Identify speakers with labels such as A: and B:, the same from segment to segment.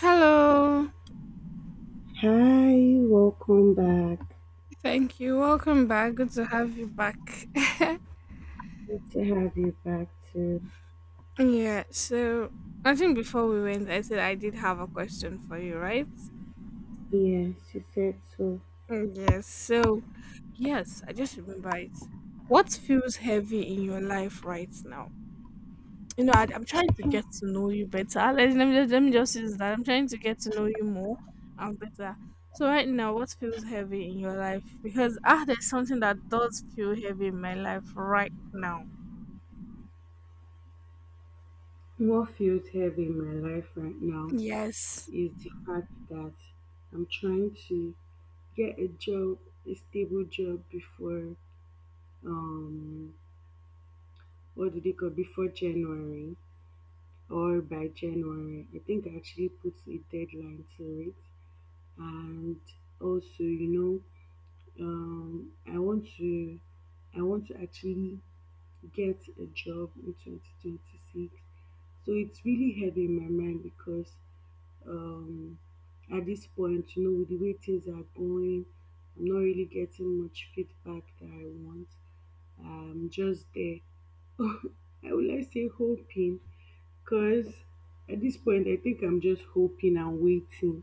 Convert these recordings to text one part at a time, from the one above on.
A: Hello.
B: Hi, welcome back.
A: Thank you. Welcome back. Good to have you back.
B: Good to have you back too.
A: Yeah, so I think before we went, I said I did have a question for you, right?
B: Yes, you said so.
A: Mm, yes. Yes, I just remember it. What feels heavy in your life right now? You know, I'm trying to get to know you better. Let me just use that. I'm trying to get to know you more and better. So right now, what feels heavy in your life? Because there's something that does feel heavy in my life right now.
B: What feels heavy in my life right now
A: Yes.
B: is the fact that I'm trying to get a job, a stable job before um what do they call before January or by January. I think I actually put a deadline to it. And also, know, um I want to I want to actually get a job in 2026. So it's really heavy in my mind because um, at this point, you know, with the way things are going, I'm not really getting much feedback that I want. I'm just there. I would like to say hoping because at this point, I think I'm just hoping and waiting.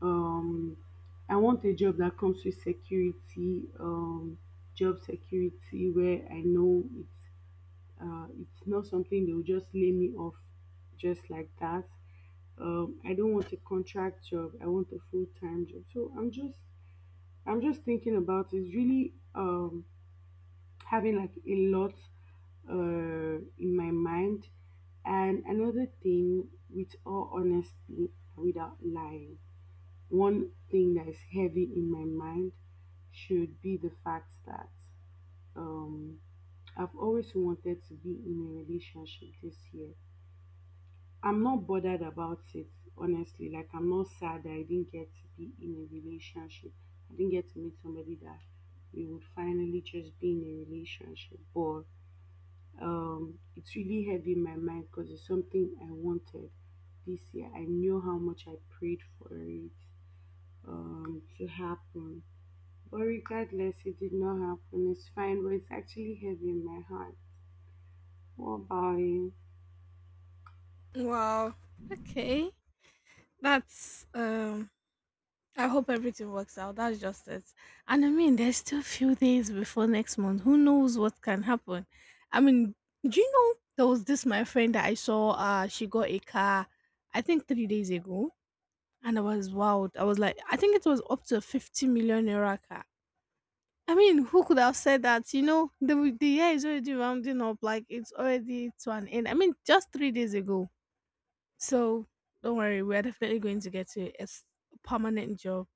B: Um, I want a job that comes with security, job security where I know it's not something they'll just lay me off just like that I don't want a contract job. I want a full-time job, so I'm just thinking about it, really. Having like a lot in my mind. And another thing, with all honesty, without lying, one thing that is heavy in my mind should be the fact that um, I've always wanted to be in a relationship this year. I'm not bothered about it, honestly. Like, I'm not sad that I didn't get to be in a relationship. I didn't get to meet somebody that we would finally just be in a relationship. But it's really heavy in my mind because it's something I wanted this year. I knew how much I prayed for it to happen. But regardless, it did not happen. It's fine, but it's actually heavy in my heart. What about you?
A: Wow. Okay. That's I hope everything works out. That's just it. And I mean there's still a few days before next month. Who knows what can happen? I mean, do you know there was this my friend that I saw she got a car I think 3 days ago and I was wowed. I was like I think it was up to a fifty million euro car. I mean, who could have said that? You know, the year is already rounding up, like it's already to an end. I mean, just 3 days ago. So don't worry, we're definitely going to get to permanent job,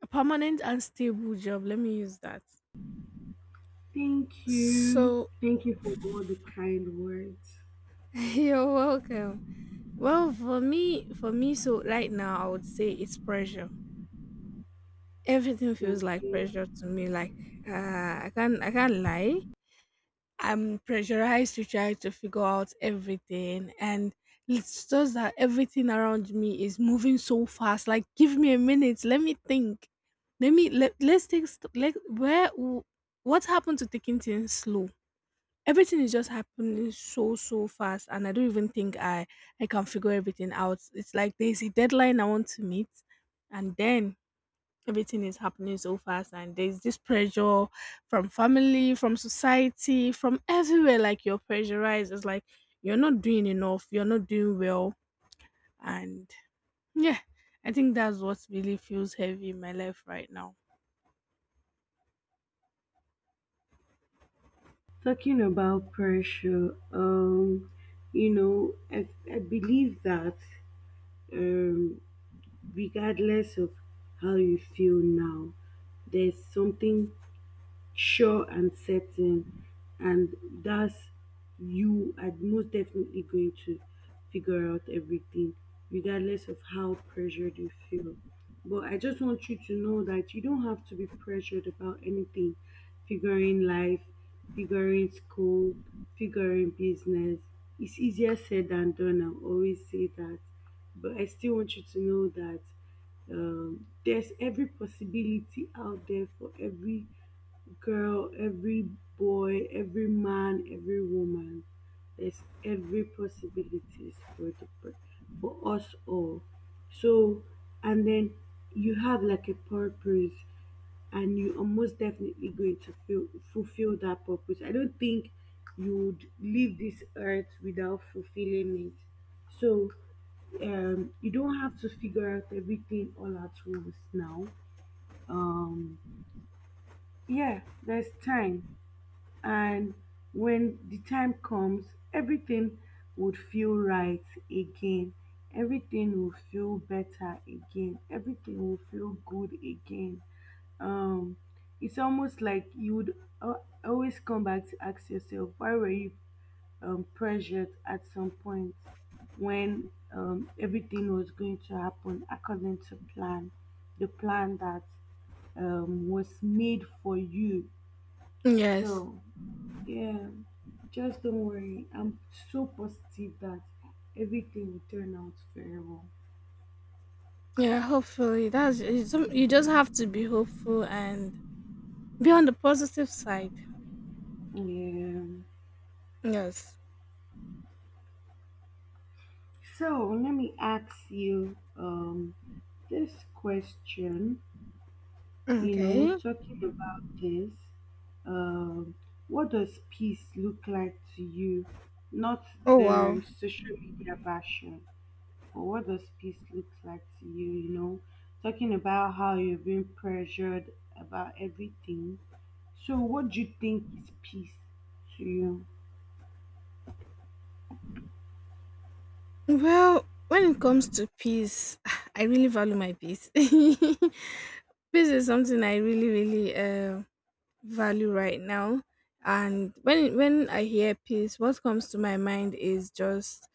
A: a permanent and stable job. Let me use that.
B: Thank you.
A: So
B: Thank you for all the kind words.
A: you're welcome. Well, for me, so right now I would say it's pressure. Everything feels like
B: Okay.
A: pressure to me. Like I can't lie. I'm pressurized to try to figure out everything. And it's just that everything around me is moving so fast. Like, give me a minute. Let me think. Let's like, what happened to taking things slow? Everything is just happening so fast. And I don't even think I can figure everything out. It's like there's a deadline I want to meet. And then everything is happening so fast and there's this pressure from family, from society, from everywhere. Like you're pressurized. It's like you're not doing enough, you're not doing well. And yeah, I think that's what really feels heavy in my life right now.
B: Talking about pressure, you know, I believe that um, regardless of how you feel now, there's something sure and certain, and that's, you are most definitely going to figure out everything regardless of how pressured you feel. But I just want you to know that you don't have to be pressured about anything, figuring life, figuring school, figuring business. It's easier said than done. I always say that, but I still want you to know that there's every possibility out there for every girl, every boy, every man, every woman. There's every possibilities for the for us all. So, and then, you have like a purpose, and you are most definitely going to fulfill that purpose. I don't think you would leave this earth without fulfilling it. So you don't have to figure out everything all at once now. Um, yeah, there's time, and when the time comes, everything would feel right again, everything will feel better again, everything will feel good again. um it's almost like you would always come back to ask yourself, why were you pressured at some point when everything was going to happen according to plan, the plan that was made for you.
A: Yes.
B: So yeah, just don't worry. I'm so positive that everything will turn out very well.
A: Yeah, hopefully you just have to be hopeful and be on the positive side.
B: Yeah.
A: Yes.
B: So let me ask you this question, you know,
A: Okay.
B: talking about this, um, what does peace look like to you? Not
A: Oh, wow.
B: the social media version, but what does peace look like to you, you know? Talking about how you're being pressured about everything. So what do you think is peace to you?
A: Well, when it comes to peace, I really value my peace. This is something I really, really value right now. And when I hear peace, what comes to my mind is just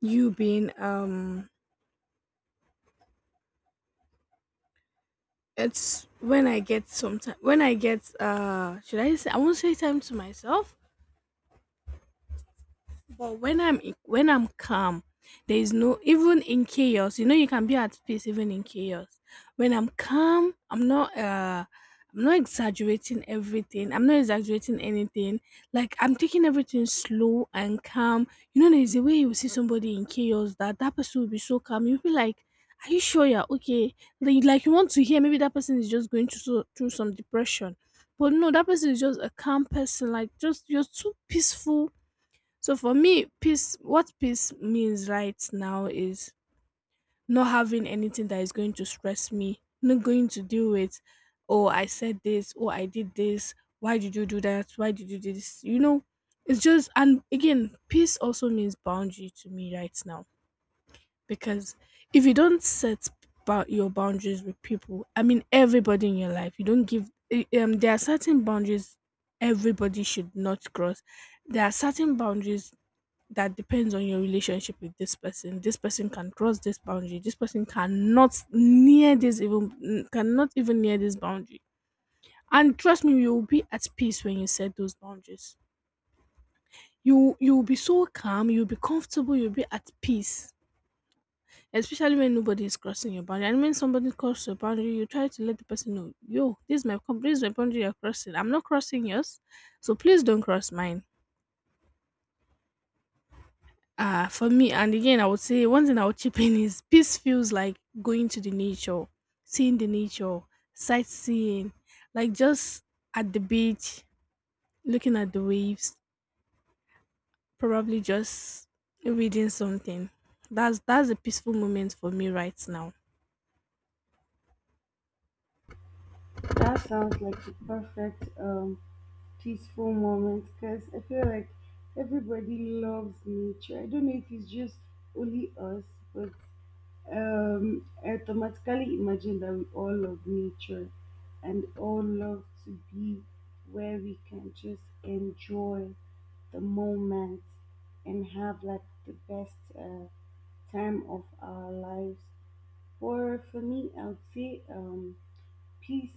A: you being. It's when I get some time. When I get should I say, I won't say time to myself, but when I'm calm, there is no, even in chaos. You know, you can be at peace even in chaos. When I'm calm, I'm not exaggerating everything. I'm not exaggerating anything. Like I'm taking everything slow and calm. You know, there's a way you see somebody in chaos, that that person will be so calm. You'll be like, "Are you sure you're okay?" Like you want to hear maybe that person is just going through some depression, but no, that person is just a calm person. Like, just, you're too peaceful. So for me, peace, what peace means right now is not having anything that is going to stress me, not going to deal with, "Oh, I said this, oh, I did this, why did you do that, why did you do this?" You know, it's just, and again, peace also means boundary to me right now, because if you don't set your boundaries with people, I mean, everybody in your life, you don't give, there are certain boundaries everybody should not cross. There are certain boundaries that depends on your relationship with this person. This person can cross this boundary. This person cannot near this, even cannot even near this boundary. And trust me, you will be at peace when you set those boundaries. You will be so calm. You'll be comfortable. You'll be at peace. Especially when nobody is crossing your boundary, and when somebody crosses your boundary, you try to let the person know, "Yo, this is my boundary you're crossing. I'm not crossing yours, so please don't cross mine." For me, and again, I would say one thing I would chip in is peace feels like going to the nature, seeing the nature, sightseeing, like just at the beach, looking at the waves, probably just reading something. That's a peaceful moment for me right now.
B: That sounds like the perfect peaceful moment, because I feel like everybody loves nature. I don't know if it's just only us, but I automatically imagine that we all love nature and all love to be where we can just enjoy the moment and have like the best time of our lives. For me, I would say peace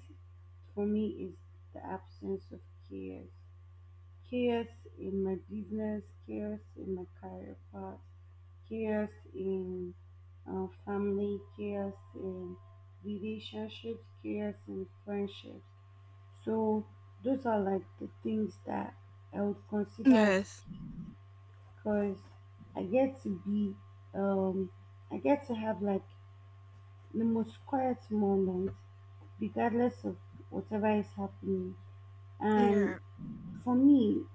B: for me is the absence of chaos. Chaos in my business, chaos in my career path, chaos in family, chaos in relationships, chaos in friendships. So those are like the things that I would consider as
A: Yes.
B: peace, because I get to be um I get to have like the most quiet moment, regardless of whatever is happening.
A: Yeah.
B: And for me,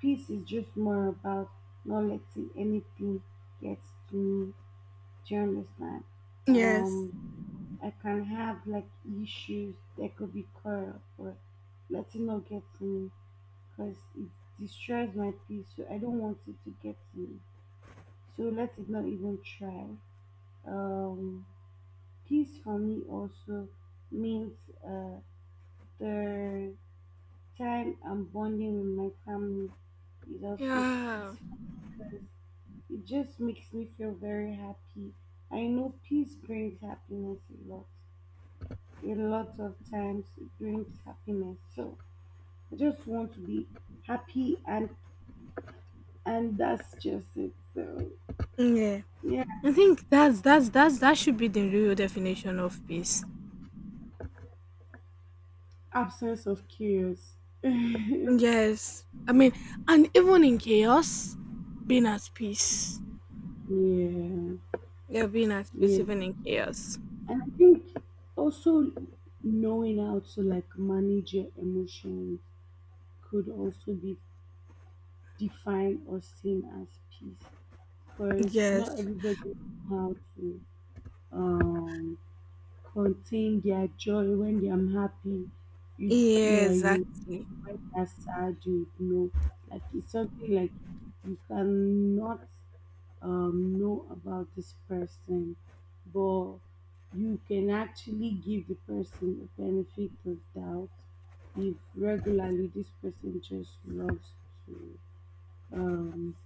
B: peace is just more about not letting anything get to me. Do you understand?
A: Yes.
B: Um, I can have like issues that could be caught up, but letting not get to me because it destroys my peace. So I don't want it to get to me. So let it not even try. Um, Peace for me also means uh, the time I'm bonding with my family is also
A: Yeah.
B: peaceful because it just makes me feel very happy. I know peace brings happiness a lot. A lot of times it brings happiness. So I just want to be happy, and that's just it. So
A: Yeah.
B: yeah.
A: I think that's that should be the real definition of peace.
B: Absence of chaos.
A: Yes. I mean, and even in chaos, being at peace.
B: Yeah,
A: Yeah, being at peace
B: yeah.
A: even in chaos.
B: And I think also knowing how to like manage your emotions could also be defined or seen as peace, because not
A: Yes.
B: everybody knows how to um, contain their joy when they are happy.
A: Yeah,
B: You,
A: exactly.
B: when they're sad, you know. Like it's something like you cannot know about this person, but you can actually give the person a benefit of doubt if regularly this person just loves to um,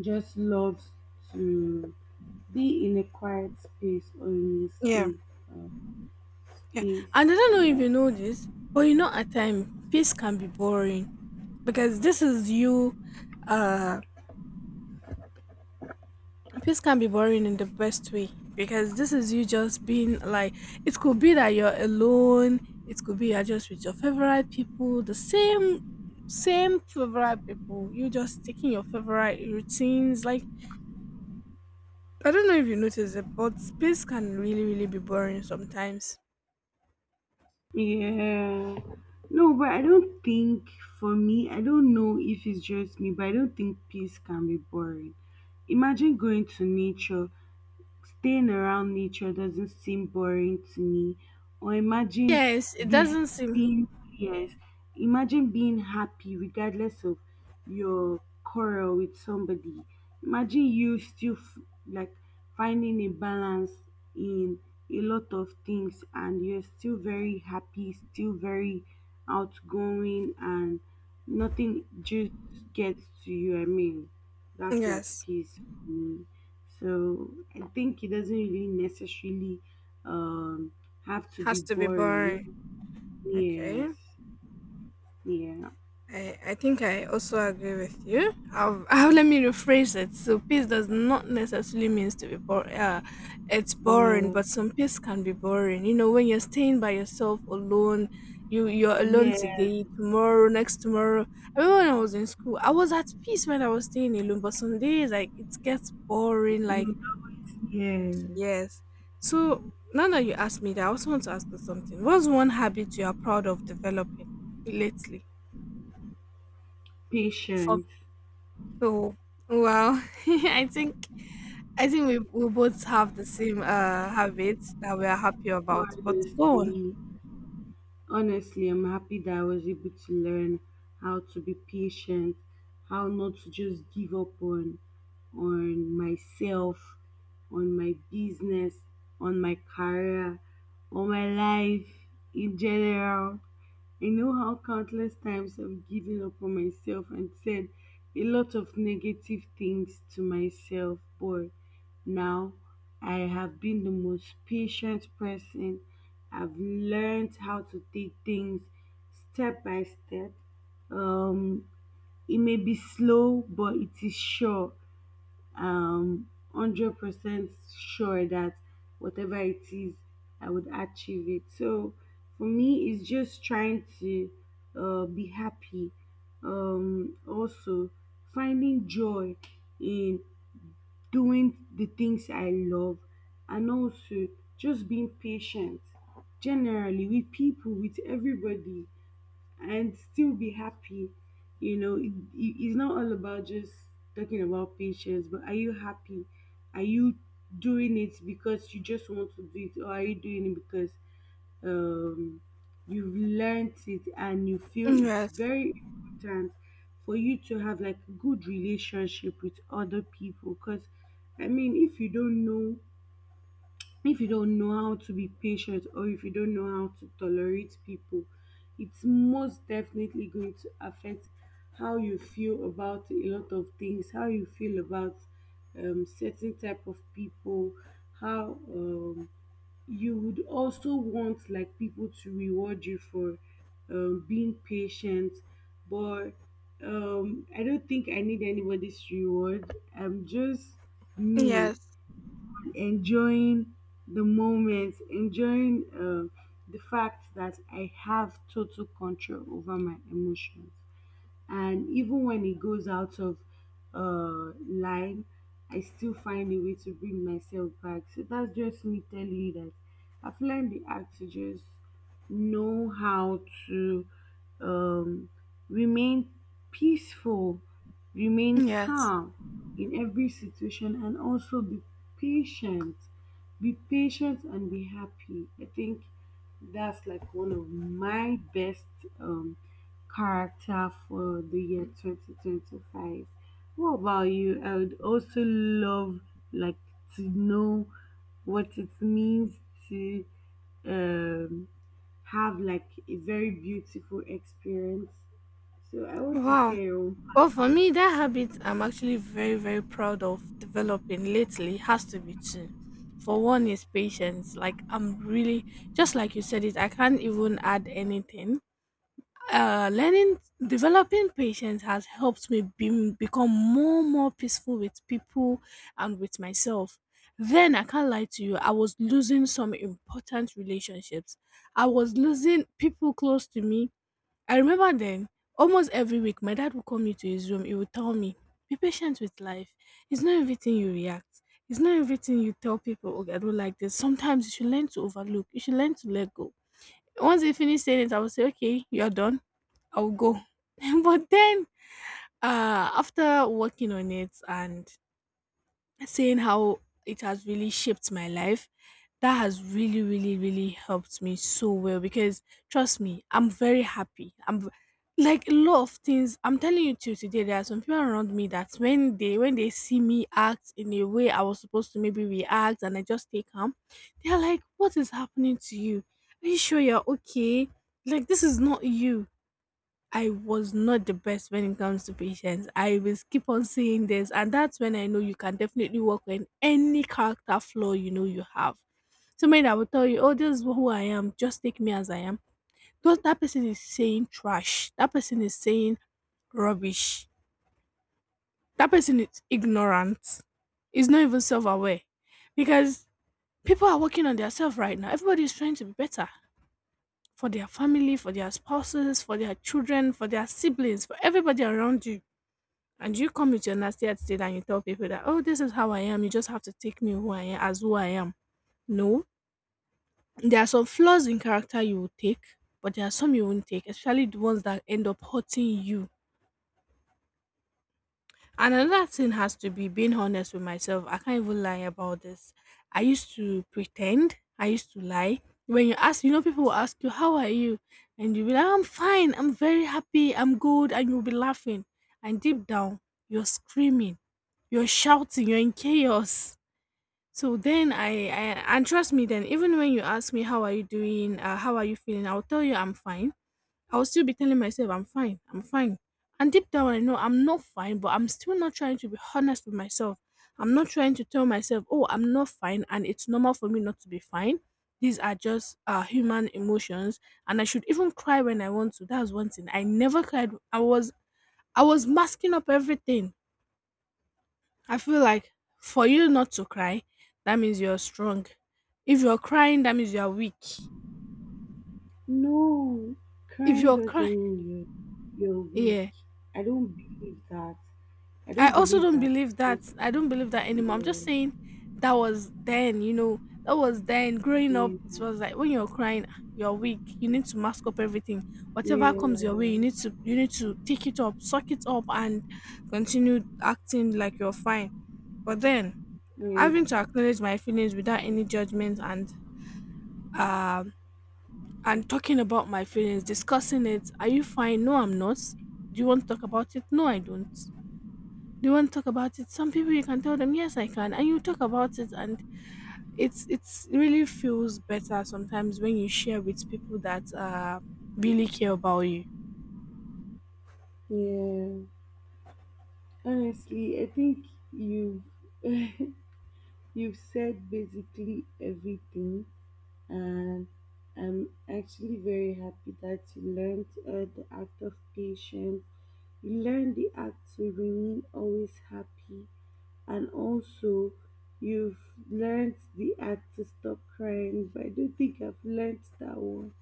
B: just loves to be in a quiet space or in a
A: Yeah.
B: safe um,
A: Yeah.
B: space,
A: And I don't know if
B: yeah.
A: you know this, but you know at time peace can be boring because this is you uh peace can be boring in the best way because this is you just being like, it could be that you're alone, it could be you're just with your favorite people, the same favorite people. You just taking your favorite routines. Like, I don't know if you notice it, but space can really, really be boring sometimes.
B: Yeah. No, but I don't think, for me, I don't know if it's just me, but I don't think peace can be boring. Imagine going to nature. Staying around nature doesn't seem boring to me. Or imagine
A: Yes, it
B: be,
A: doesn't seem.
B: being, yes, imagine being happy regardless of your quarrel with somebody. Imagine you still like finding a balance in a lot of things, and you're still very happy, still very outgoing, and nothing just gets to you. I mean, that's like
A: Yes,
B: peace for me. So I think it doesn't really necessarily um, have to be
A: has to be
B: boring.
A: boring. Okay.
B: Yes. Yeah.
A: I think I also agree with you. I'll, let me rephrase it. So peace does not necessarily means to be boring. It's boring,
B: Yeah.
A: but some peace can be boring. You know, when you're staying by yourself alone, you're alone
B: Yeah.
A: today, tomorrow, next tomorrow. I remember when I was in school, I was at peace when I was staying alone. But some days, like, it gets boring.
B: You
A: Like,
B: would always, yeah.
A: yes. So now that you ask me that, I also want to ask you something. What's one habit you are proud of developing lately?
B: Patient.
A: Oh, wow. I think we both have the same habits that we are happy about. But go on.
B: Honestly. Honestly, I'm happy that I was able to learn how to be patient, how not to just give up on myself, on my business, on my career, on my life in general. I know how countless times I've given up on myself and said a lot of negative things to myself, but now I have been the most patient person. I've learned how to take things step by step. Um, it may be slow, but it is sure um 100% sure that whatever it is, I would achieve it. So for me, it's just trying to be happy, also finding joy in doing the things I love, and also just being patient generally with people, with everybody, and still be happy. You know, it's not all about just talking about patience, but are you happy? Are you doing it because you just want to do it, or are you doing it because um, you've learned it and you feel
A: Mm,
B: it's
A: yes.
B: very important for you to have like good relationship with other people? Because I mean, if you don't know, if you don't know how to be patient or if you don't know how to tolerate people, it's most definitely going to affect how you feel about a lot of things, how you feel about certain type of people, how you would also want like people to reward you for being patient, but I don't think I need anybody's reward. I'm just me
A: Yes.
B: enjoying the moment, enjoying the fact that I have total control over my emotions, and even when it goes out of line, I still find a way to bring myself back. So that's just me telling you that I've learned the act to just know how to um, remain peaceful, remain
A: Yes.
B: calm in every situation, and also be patient. Be patient and be happy. I think that's like one of my best um, character for the year 2025. What about you? I would also love like to know what it means to um have like a very beautiful experience. So I want to
A: Wow.
B: hear your own.
A: Well, for me, that habit I'm actually very, very proud of developing lately has to be two. For one is patience. Like, I'm really, just like you said it, I can't even add anything. Learning developing patience has helped me become more peaceful with people and with myself. Then I can't lie to you, I was losing some important relationships. I was losing people close to me. I remember then almost every week my dad would come into his room, he would tell me, "Be patient with life. It's not everything you react. It's not everything you tell people, okay, I don't like this. Sometimes you should learn to overlook, you should learn to let go." Once he finished saying it, I would say, "Okay, you're done. I'll go." But then after working on it and saying how it has really shaped my life, that has really, really, really helped me so well. Because trust me, I'm very happy. Like a lot of things I'm telling you, till today there are some people around me that when they see me act in a way I was supposed to maybe react, and I just stay calm, they're like, "What is happening to you? Are you sure you're okay? Like, this is not you." I was not the best when it comes to patience. I will keep on saying this, and that's when I know you can definitely work on any character flaw you know you have. Somebody that will tell you, "Oh, this is who I am. Just take me as I am." Those That person is saying trash. That person is saying rubbish. That person is ignorant. Is not even self-aware, because people are working on themselves right now. Everybody is trying to be better for their family, for their spouses, for their children, for their siblings, for everybody around you. And you come with your nasty attitude and you tell people that, "Oh, this is how I am. You just have to take me who I am as who I am." No. There are some flaws in character you will take, but there are some you won't take, especially the ones that end up hurting you. And another thing has to be being honest with myself. I can't even lie about this. I used to pretend. I used to lie. When you ask, you know, people will ask you, "How are you?" And you'll be like, "I'm fine. I'm very happy. I'm good." And you'll be laughing. And deep down, you're screaming. You're shouting. You're in chaos. So then I, and trust me, then even when you ask me, "How are you doing? How are you feeling?" I'll tell you, "I'm fine." I will still be telling myself, "I'm fine, I'm fine." And deep down, I know I'm not fine, but I'm still not trying to be honest with myself. I'm not trying to tell myself, oh, I'm not fine, and it's normal for me not to be fine. These are just human emotions, and I should even cry when I want to. That's one thing. I never cried. I was masking up everything. I feel like for you not to cry, that means you're strong. If you're crying, that means you're weak.
B: No,
A: If
B: crying
A: you're
B: doesn't
A: crying,
B: mean you, you're weak.
A: yeah.
B: I don't believe that. I
A: I
B: don't
A: also
B: believe
A: don't
B: that,
A: believe
B: because
A: that. I don't believe that anymore. I'm just
B: yeah,
A: saying that was then. That was then. Growing up, it
B: yeah,
A: was like when you're crying, you're weak. You need to mask up everything. Whatever comes
B: yeah,
A: your way, you need to take it up, suck it up, and continue acting like you're fine. But then
B: yeah,
A: having to acknowledge my feelings without any judgment um and talking about my feelings, discussing it. Are you fine? No, I'm not. Do you want to talk about it? No, I don't. They won't talk about it. Some people you can tell them, yes, I can, and you talk about it, and it's really feels better sometimes when you share with people that really care about you.
B: yeah. Honestly, I think you've you've said basically everything, and I'm actually very happy that you learned the act of patience. You learned the act to remain always happy, and also you've learned the act to stop crying. But I don't think I've learned that one.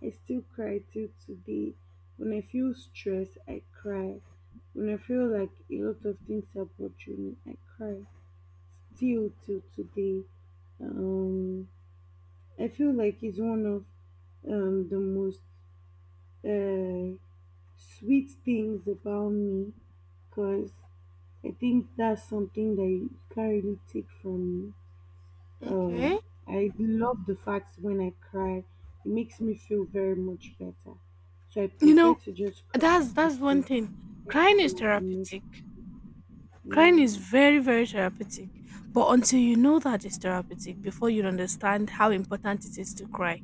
B: I still cry till today. When I feel stressed, I cry. When I feel like a lot of things are bothering me, I cry. Still till today. Um, I feel like it's one of the most uh, sweet things about me because I think that's something that you can't really take from me.
A: Okay.
B: Um, I love the fact when I cry, it makes me feel very much better. So I
A: You
B: prefer
A: know,
B: to just cry
A: that's
B: than
A: that's one
B: to
A: thing.
B: let
A: Crying
B: out
A: is
B: my emotion.
A: therapeutic. Crying
B: Yeah,
A: is very very therapeutic. But until you know that it's therapeutic, before you understand how important it is to cry.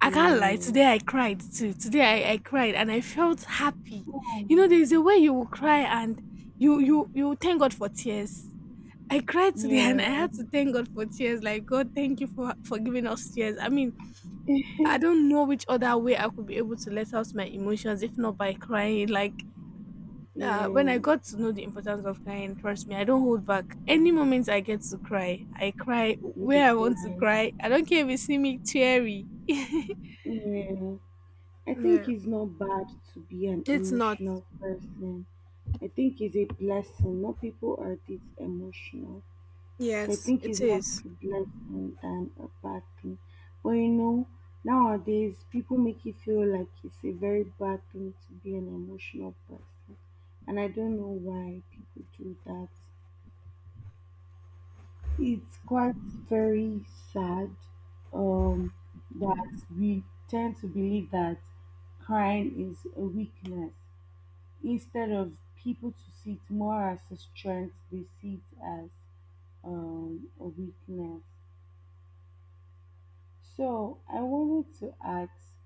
A: I can't lie.
B: yeah,
A: Today I cried too. Today I cried and I felt happy. You know, there's a way you will cry and you thank God for tears. I cried today and
B: yeah,
A: I had to thank God for tears. Like God, thank you for giving us tears. I mean, I don't know which other way I could be able to let out my emotions if not by crying. Like when I
B: yeah.
A: got to know the importance of crying, trust me, I don't hold back. Any moment I get to cry, I cry
B: With the
A: where I want to
B: cry,
A: cry. I don't care if you see me teary.
B: yeah. I think
A: Yeah.
B: it's not bad to be an
A: It's not.
B: emotional person. I think it's a blessing. Not people are this emotional. So I
A: Yes,
B: think it's
A: it
B: more
A: is.
B: of a blessing than a bad thing. But you know, nowadays people make it feel like it's a very bad thing to be an emotional person. And I don't know why people do that. It's quite very sad um, that we tend to believe that crying is a weakness. Instead of people to see it more as a strength, they see it as a weakness. So I wanted to ask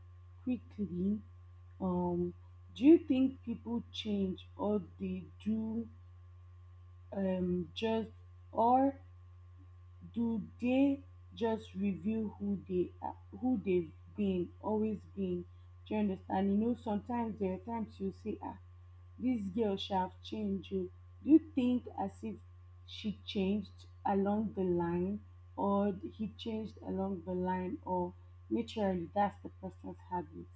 B: quickly, um, do you think people change or they do just or do they just reveal who they've been, do you understand? You know, sometimes there are times you say, "Ah, this girl shall have changed." You do you think as if she changed along the line, or he changed along the line, or naturally that's the person's habit,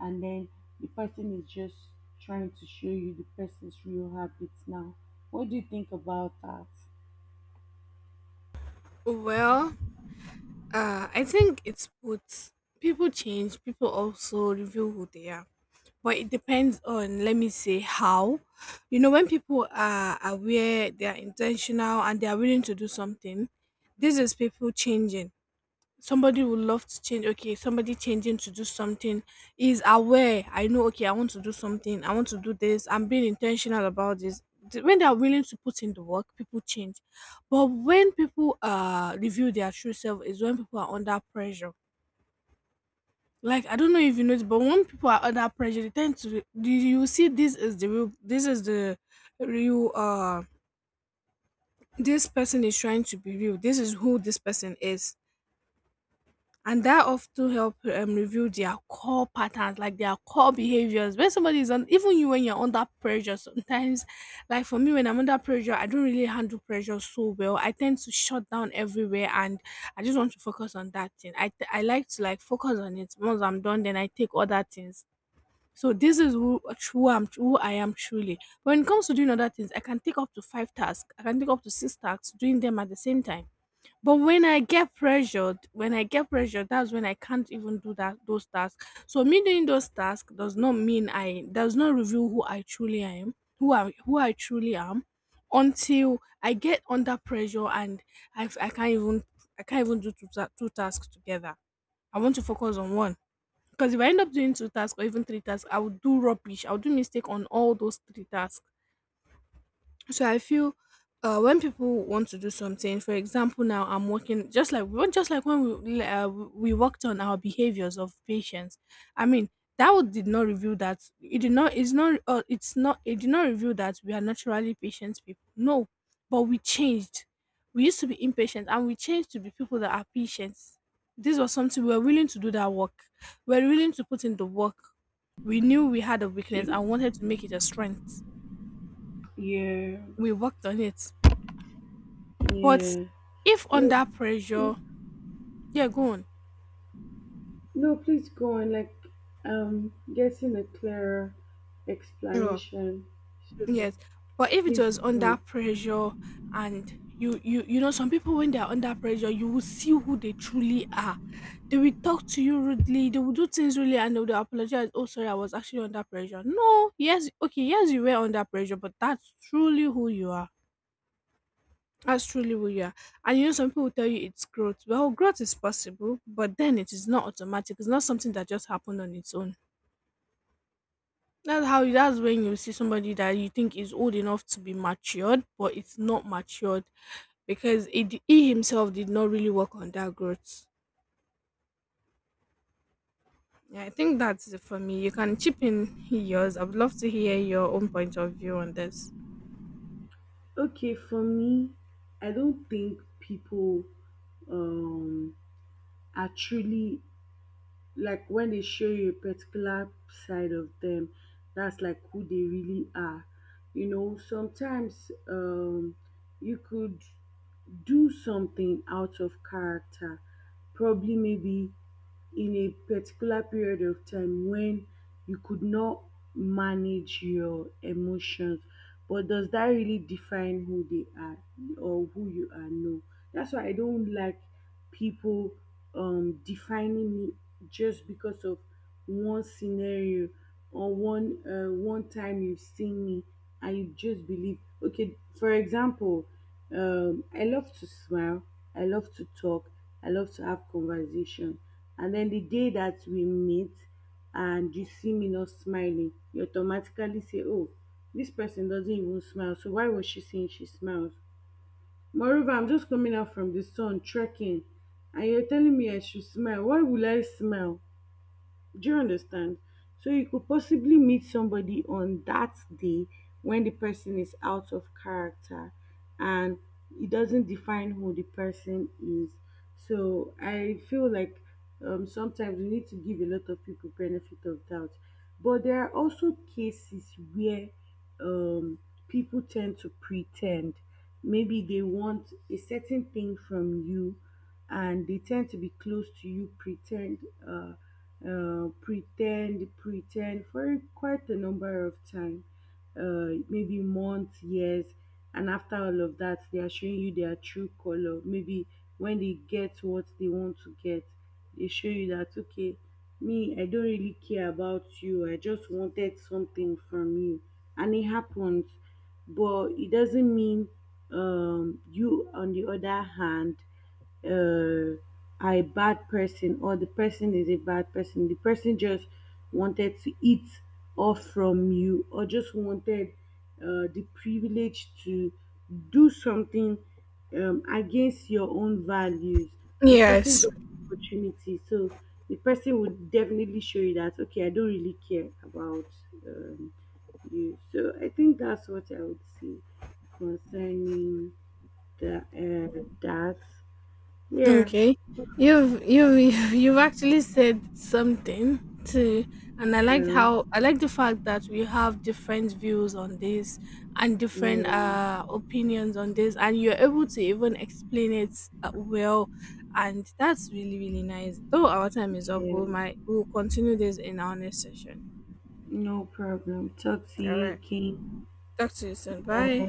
B: and then the person is just trying to show you the person's real habits now? What do you think about that?
A: Well, I think it's both. People change, people also reveal who they are. But it depends on, let me say, how. You know, when people are aware, they are intentional, and they are willing to do something, this is people changing. Somebody would love to change. Okay, somebody changing to do something is aware. I know, okay, I want to do something, I want to do this, I'm being intentional about this. When they are willing to put in the work, people change, but when people reveal their true self is when people are under pressure. Like, I don't know if you know, but when people are under pressure, they tend to do, you see, this is the real, this is the real, this person is trying to be real, this is who this person is, and that often help reveal their core patterns, like their core behaviors when somebody is on, even you, when you're under pressure sometimes. Like for me, when I'm under pressure, I don't really handle pressure so well. I tend to shut down everywhere and I just want to focus on that thing. I like to like focus on it. Once I'm done, then I take other things. So this is who I'm who I am truly. When it comes to doing other things, I can take up to five tasks. I can take up to six tasks doing them at the same time, but when I get pressured, that's when I can't even do that those tasks. So me doing those tasks does not mean I does not reveal who I truly am, who I truly am, until I get under pressure and I I f- I can't even I can't even do two, two tasks together. I want to focus on one because if I end up doing two tasks or even three tasks, I would do rubbish. I would do mistake on all those three tasks. So I feel when people want to do something, for example, now I'm working just like when we worked on our behaviors of patients. I mean, that would did not reveal that it did not. It's not. It's not. It did not reveal that we are naturally patient people. No, but we changed. We used to be impatient, and we changed to be people that are patient. This was something we were willing to do that work. We were willing to put in the work. We knew we had a
B: So,
A: weakness and wanted to make it a strength.
B: yeah.
A: We worked on it. But
B: Yeah.
A: if
B: You,
A: under
B: you,
A: pressure, yeah, go on.
B: no, please go on. Like, getting a clearer
A: Yeah.
B: explanation. So
A: Yes. But if it
B: please
A: was
B: go
A: under
B: on.
A: pressure and you know, some people when they are under pressure, you will see who they truly are. They will talk to you rudely, they will do things rudely, and they will apologize, oh sorry, I was actually under pressure. No, yes, okay, yes, you were under pressure, but that's truly who you are. that's truly who you are and you know, some people tell you it's growth. Well, growth is possible, but then it is not automatic. It's not something that just happened on its own. That's when you see somebody that you think is old enough to be matured, but it's not matured because it, he himself did not really work on that growth. Yeah, I think that's it for me. You can chip in yours. I would love to hear your own point of view on this.
B: Okay, for me, I don't think people um are truly like when they show you a particular side of them, that's like who they really are. You know, sometimes you could do something out of character, probably maybe in a particular period of time when you could not manage your emotions. But does that really define who they are or who you are? No. That's why I don't like people defining me just because of one scenario or one time you've seen me and you just believe. Okay, for example, I love to smile, I love to talk, I love to have conversation. And then the day that we meet and you see me not smiling, you automatically say, "Oh, this person doesn't even smile. So why was she saying she smiles?" Moreover, I'm just coming out from the sun trekking and you're telling me I should smile. Why will I smile? Do you understand? So you could possibly meet somebody on that day when the person is out of character, and it doesn't define who the person is. So I feel like sometimes we need to give a lot of people benefit of doubt. But there are also cases where um, people tend to pretend. Maybe they want a certain thing from you and they tend to be close to you, pretend. Uh, pretend, pretend for quite a number of time, maybe months, years, and after all of that, they are showing you their true color. Maybe when they get what they want to get, they show you that, okay, me, I don't really care about you. I just wanted something from you, and it happens, but it doesn't mean you on the other hand uh, are a bad person, or the person is a bad person. The person just wanted to eat off from you, or just wanted the privilege to do something against your own values. And the person
A: Yes.
B: got the opportunity. So the person would definitely show you that, okay, I don't really care about um, you. So I think that's what I would say concerning that. Yeah.
A: Okay. You've you've actually said something to and I like
B: Yeah,
A: how I like the fact that we have different views on this and different
B: yeah,
A: opinions on this, and you're able to even explain it well, and that's really really nice. Though our time is up, we
B: yeah.
A: might we'll continue this in our next session.
B: No problem. Talk to
A: All
B: you
A: right.
B: again.
A: Talk to you soon. Bye.